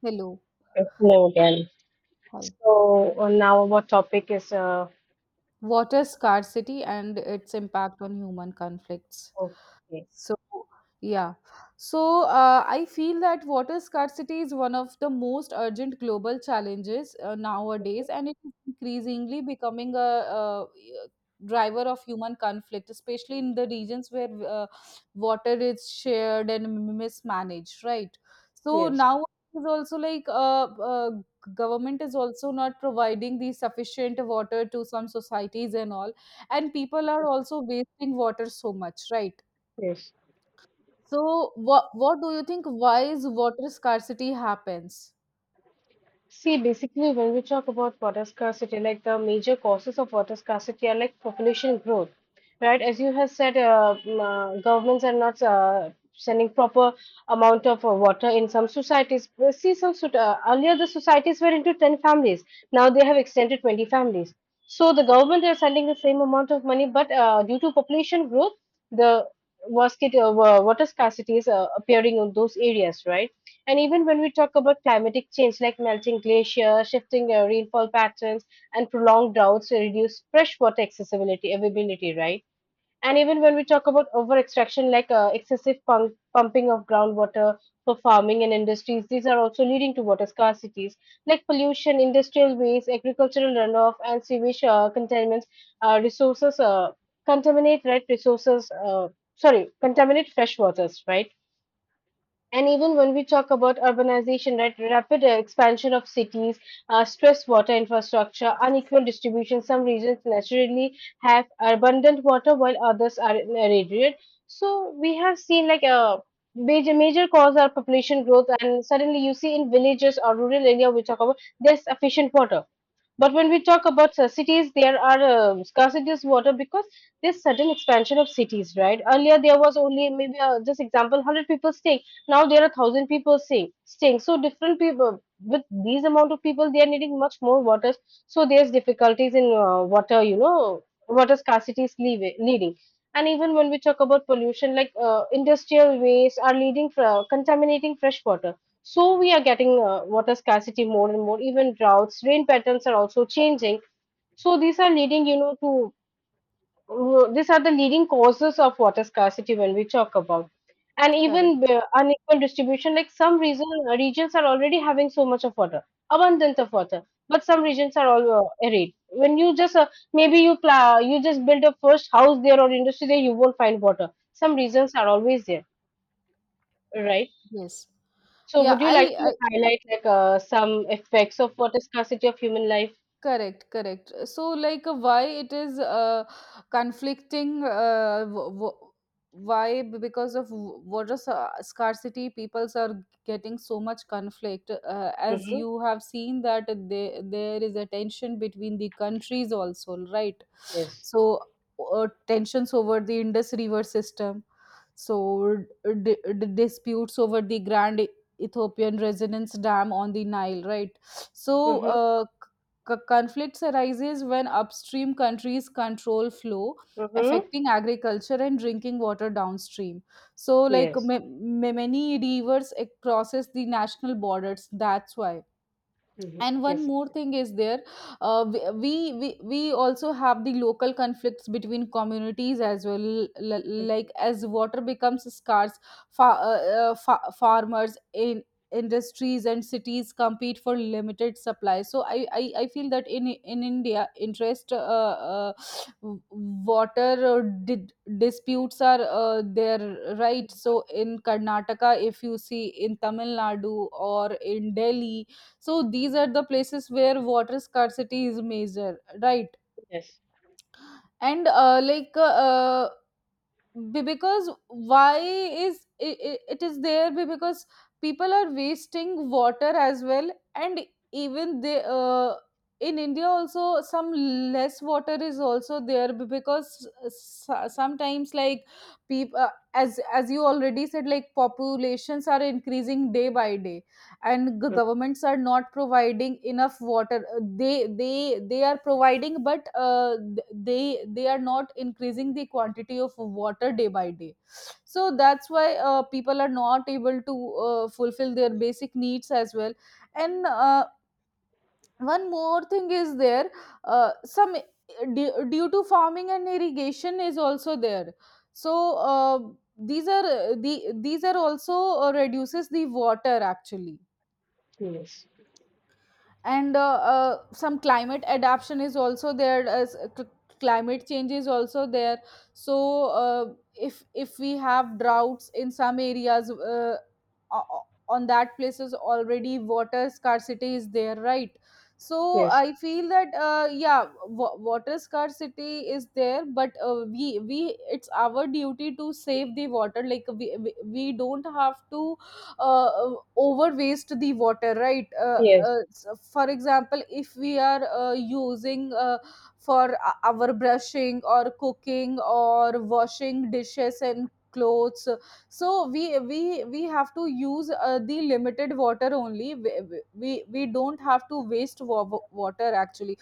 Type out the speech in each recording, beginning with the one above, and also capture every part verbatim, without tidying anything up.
Hello. Hello again. Hi. So uh, now our topic is uh, Water scarcity and its impact on human conflicts. okay. So, yeah. So, uh, I feel that water scarcity is one of the most urgent global challenges uh, nowadays, and it is increasingly becoming a, uh driver of human conflict, especially in the regions where uh, water is shared and mismanaged, right? So, Yes, now is also like uh, uh, government is also not providing the sufficient water to some societies and all, and people are also wasting water so much, right? yes. So, what what do you think? Why is water scarcity happens? See, basically, when we talk about water scarcity, like the major causes of water scarcity are like population growth, right? As you have said, uh, m- uh, governments are not uh, sending proper amount of uh, water in some societies. We See, some soc- uh, earlier the societies were into ten families. Now they have extended twenty families. So the government are sending the same amount of money, but uh, due to population growth, the was- uh, wa- water scarcity is uh, appearing in those areas, right? And even when we talk about climatic change like melting glaciers, shifting uh, rainfall patterns, and prolonged droughts to reduce freshwater accessibility, availability, right? And even when we talk about over extraction like uh, excessive pump- pumping of groundwater for farming and industries, these are also leading to water scarcities like pollution, industrial waste, agricultural runoff, and sewage uh, contaminants, uh, resources uh, contaminate right resources. Uh, sorry, contaminate fresh waters, right? And even when we talk about urbanization, right, rapid expansion of cities, uh, stress water infrastructure, unequal distribution, some regions naturally have abundant water while others are irradiated. So we have seen like a major major cause are population growth, and suddenly you see in villages or rural area we talk about there's sufficient water, but when we talk about uh, cities, there are uh, scarcity of water because there's sudden expansion of cities, right? Earlier there was only maybe uh, just example hundred people staying. Now there are thousand people staying. Staying so different people with these amount of people, they are needing much more water. So there's difficulties in uh, water, you know, water scarcity is leave- leading. And even when we talk about pollution, like uh, industrial waste are leading for contaminating fresh water, so we are getting uh, water scarcity more and more. Even droughts, rain patterns are also changing. So these are leading, you know, to uh, these are the leading causes of water scarcity when we talk about. And Correct. even uh, unequal distribution, like some reason uh, regions are already having so much of water, abundance of water, but some regions are all uh, arid. When you just uh, maybe you pla- you just build a first house there or industry there, you won't find water. Some reasons are always there, right? Yes. So, Yeah, would you like I, to I highlight like uh, some effects of water scarcity of human life? Correct, correct. So, like, uh, why it is uh, conflicting? Uh, w- w- why? B- Because of w- water sa- scarcity, peoples are getting so much conflict. Uh, as Mhm. you have seen that they, there is a tension between the countries also, right? Yes. So, uh, tensions over the Indus River system. So, d- d- disputes over the Grand E-, Ethiopian Resonance Dam on the Nile, right? So. Mm-hmm. Uh, C- conflicts arises when upstream countries control flow Mm-hmm. affecting agriculture and drinking water downstream. So, like, Yes. ma- ma- many rivers eh, crosses the national borders, that's why. Mm-hmm. And one Yes. more thing is there: uh, we, we we we also have the local conflicts between communities as well, l- l- Mhm. like as water becomes scarce, fa- uh, uh, fa- farmers in industries and cities compete for limited supply. So i i, I feel that in in India interest uh, uh, w- water uh, di- disputes are uh, there, right? So, in Karnataka, if you see, in Tamil Nadu, or in Delhi, so these are the places where water scarcity is major, right? Yes. And uh, like uh, uh, be- because why is it, it it is there, be- because people are wasting water as well. And even they uh, in India also, some less water is also there, be- because s- uh, sometimes like people, as as you already said, like populations are increasing day by day, and g- governments are not providing enough water. Uh, they they they are providing, but uh, th- they they are not increasing the quantity of water day by day. So that's why uh, people are not able to uh, fulfill their basic needs as well. And uh, one more thing is there: uh, some du- due to farming and irrigation is also there. So, uh, these are uh, the these are also uh, reduces the water actually. Yes. And uh, uh, some climate adaptation is also there, as cl- climate change is also there. So, uh, if if we have droughts in some areas, uh, o- on that places already water scarcity is there, right? So Yes. I feel that uh, yeah, w- water scarcity is there, but uh, we we it's our duty to save the water. Like, we, we we don't have to uh, over waste the water, right? uh, Yes. Uh, s- for example, if we are uh, using uh, for o- our brushing or cooking or washing dishes and clothes, so we we we have to use uh, the limited water only. We, we we don't have to waste wa- water actually,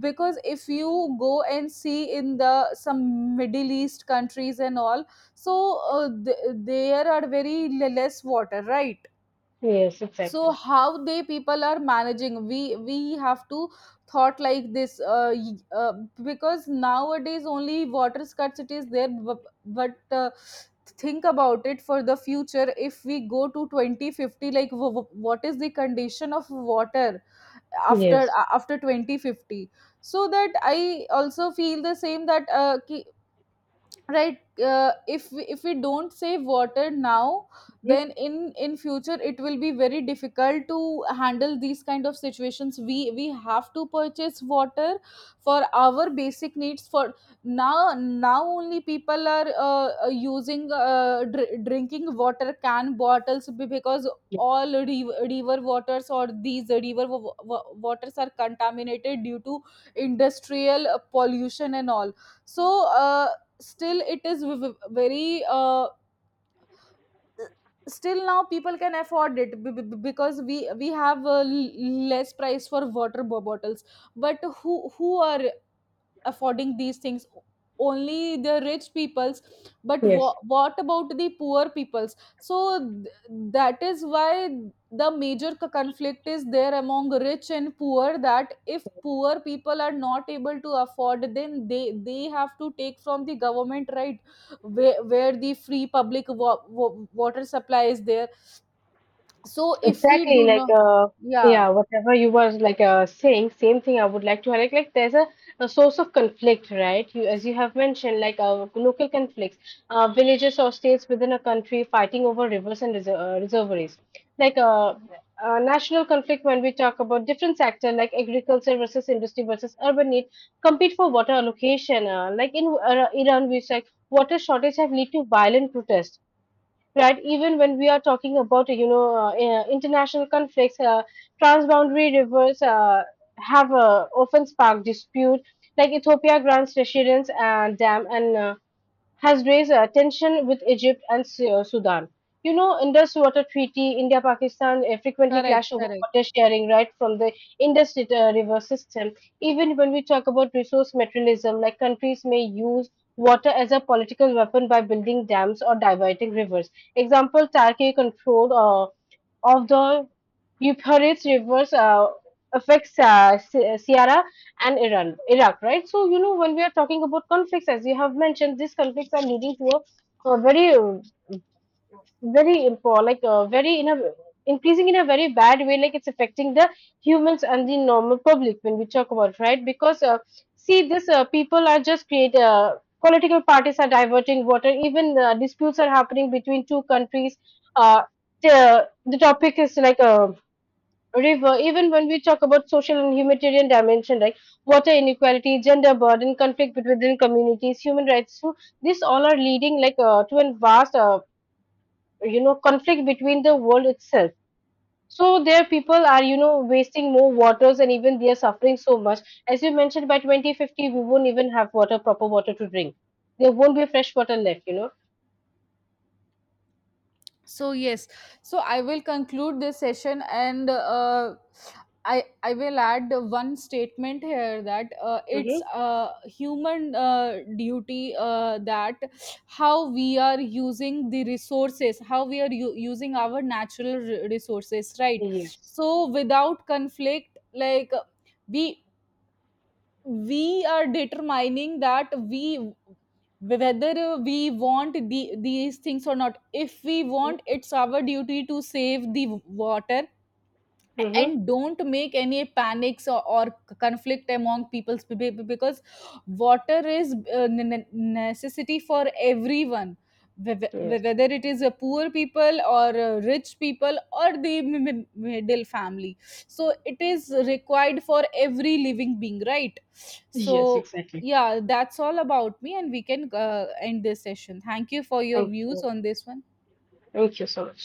because if you go and see in the some Middle East countries and all, so uh, th- there are very le- less water, right? Yes. So Exactly. how they people are managing, we we have to thought like this. Uh, y- uh, because nowadays only water scarcity is there, bu- but uh, think about it for the future. If we go to twenty fifty, like w- w- what is the condition of water after Yes. a- after twenty fifty? So that I also feel the same, that uh, ki- right, uh, if we, if we don't save water now, then Mhm. in in future it will be very difficult to handle these kind of situations. we we have to purchase water for our basic needs. For now now only, people are uh, uh, using uh, dr- drinking water can bottles, be- because Yes. all riv- river waters, or these river wa- wa- waters are contaminated due to industrial uh, pollution and all. So uh, still it is v- v- very uh, still now people can afford it, b- b- because we we have uh, l- less price for water bo- bottles. But who who are affording these things? Only the rich peoples. But Yes. wha- what about the poor peoples? So th- that is why the major c- conflict is there among rich and poor, that if poor people are not able to afford, then they they have to take from the government, right? where, where the free public wa- wa- water supply is there. So if we Exactly, do like not, uh, yeah, yeah, whatever you was like uh, saying, same thing I would like to highlight. Like there's a, a source of conflict, right? You, as you have mentioned, like uh, local conflicts, uh, villages or states within a country fighting over rivers and reser- uh, reservoiries. Like uh, uh, national conflict when we talk about different sector like agriculture versus industry versus urban need compete for water allocation. Uh, like in uh, Iran, we said water shortage have led to violent protests, right? Even when we are talking about, you know, uh, uh, international conflicts, uh, transboundary rivers uh, have uh, often sparked dispute, like Ethiopia grants residence and dam and uh, has raised uh, tension with Egypt and Su- uh, Sudan. You know, Indus Water Treaty, India Pakistan uh, frequently correct, clash over correct. water sharing right from the Indus rit- uh, river system. Even when we talk about resource materialism, like countries may use water as a political weapon by building dams or diverting rivers. Example, Turkey controlled uh, of the Euphrates rivers uh, affects uh, Si- Syria and Iran, Iraq, right? So, you know, when we are talking about conflicts, as you have mentioned, these conflicts are leading to a, a very uh, very important, like uh, very in a increasing in a very bad way, like it's affecting the humans and the normal public when we talk about, right? Because uh, see this uh, people are just create uh, political parties are diverting water, even uh, disputes are happening between two countries, uh, the, the topic is like a river. Even when we talk about social and humanitarian dimension, like water inequality, gender burden, conflict between communities, human rights, so these all are leading like uh, to a vast, uh, you know conflict between the world itself. So their people are you know wasting more waters, and even they are suffering so much. As you mentioned, by twenty fifty we won't even have water, proper water to drink. There won't be fresh water left you know So yes. So I will conclude this session, and uh, i i will add one statement here, that uh, it's Mm-hmm. a human uh, duty, uh, that how we are using the resources, how we are u- using our natural r- resources, right? Yes. So, without conflict, like, we we are determining that we, whether we want the, these things or not. If we want, it's our duty to save the water, Mm-hmm. and don't make any panics, or, or conflict among people's, be- be- because water is uh, ne- ne- necessity for everyone, whe- whe- Yes. whether it is a poor people or uh, rich people or the mi- mi- middle family. So it is required for every living being, right? Yes. So, Exactly. yeah, that's all about me, and we can uh, end this session. Thank you for your Thank views you. on this one. Thank you so much.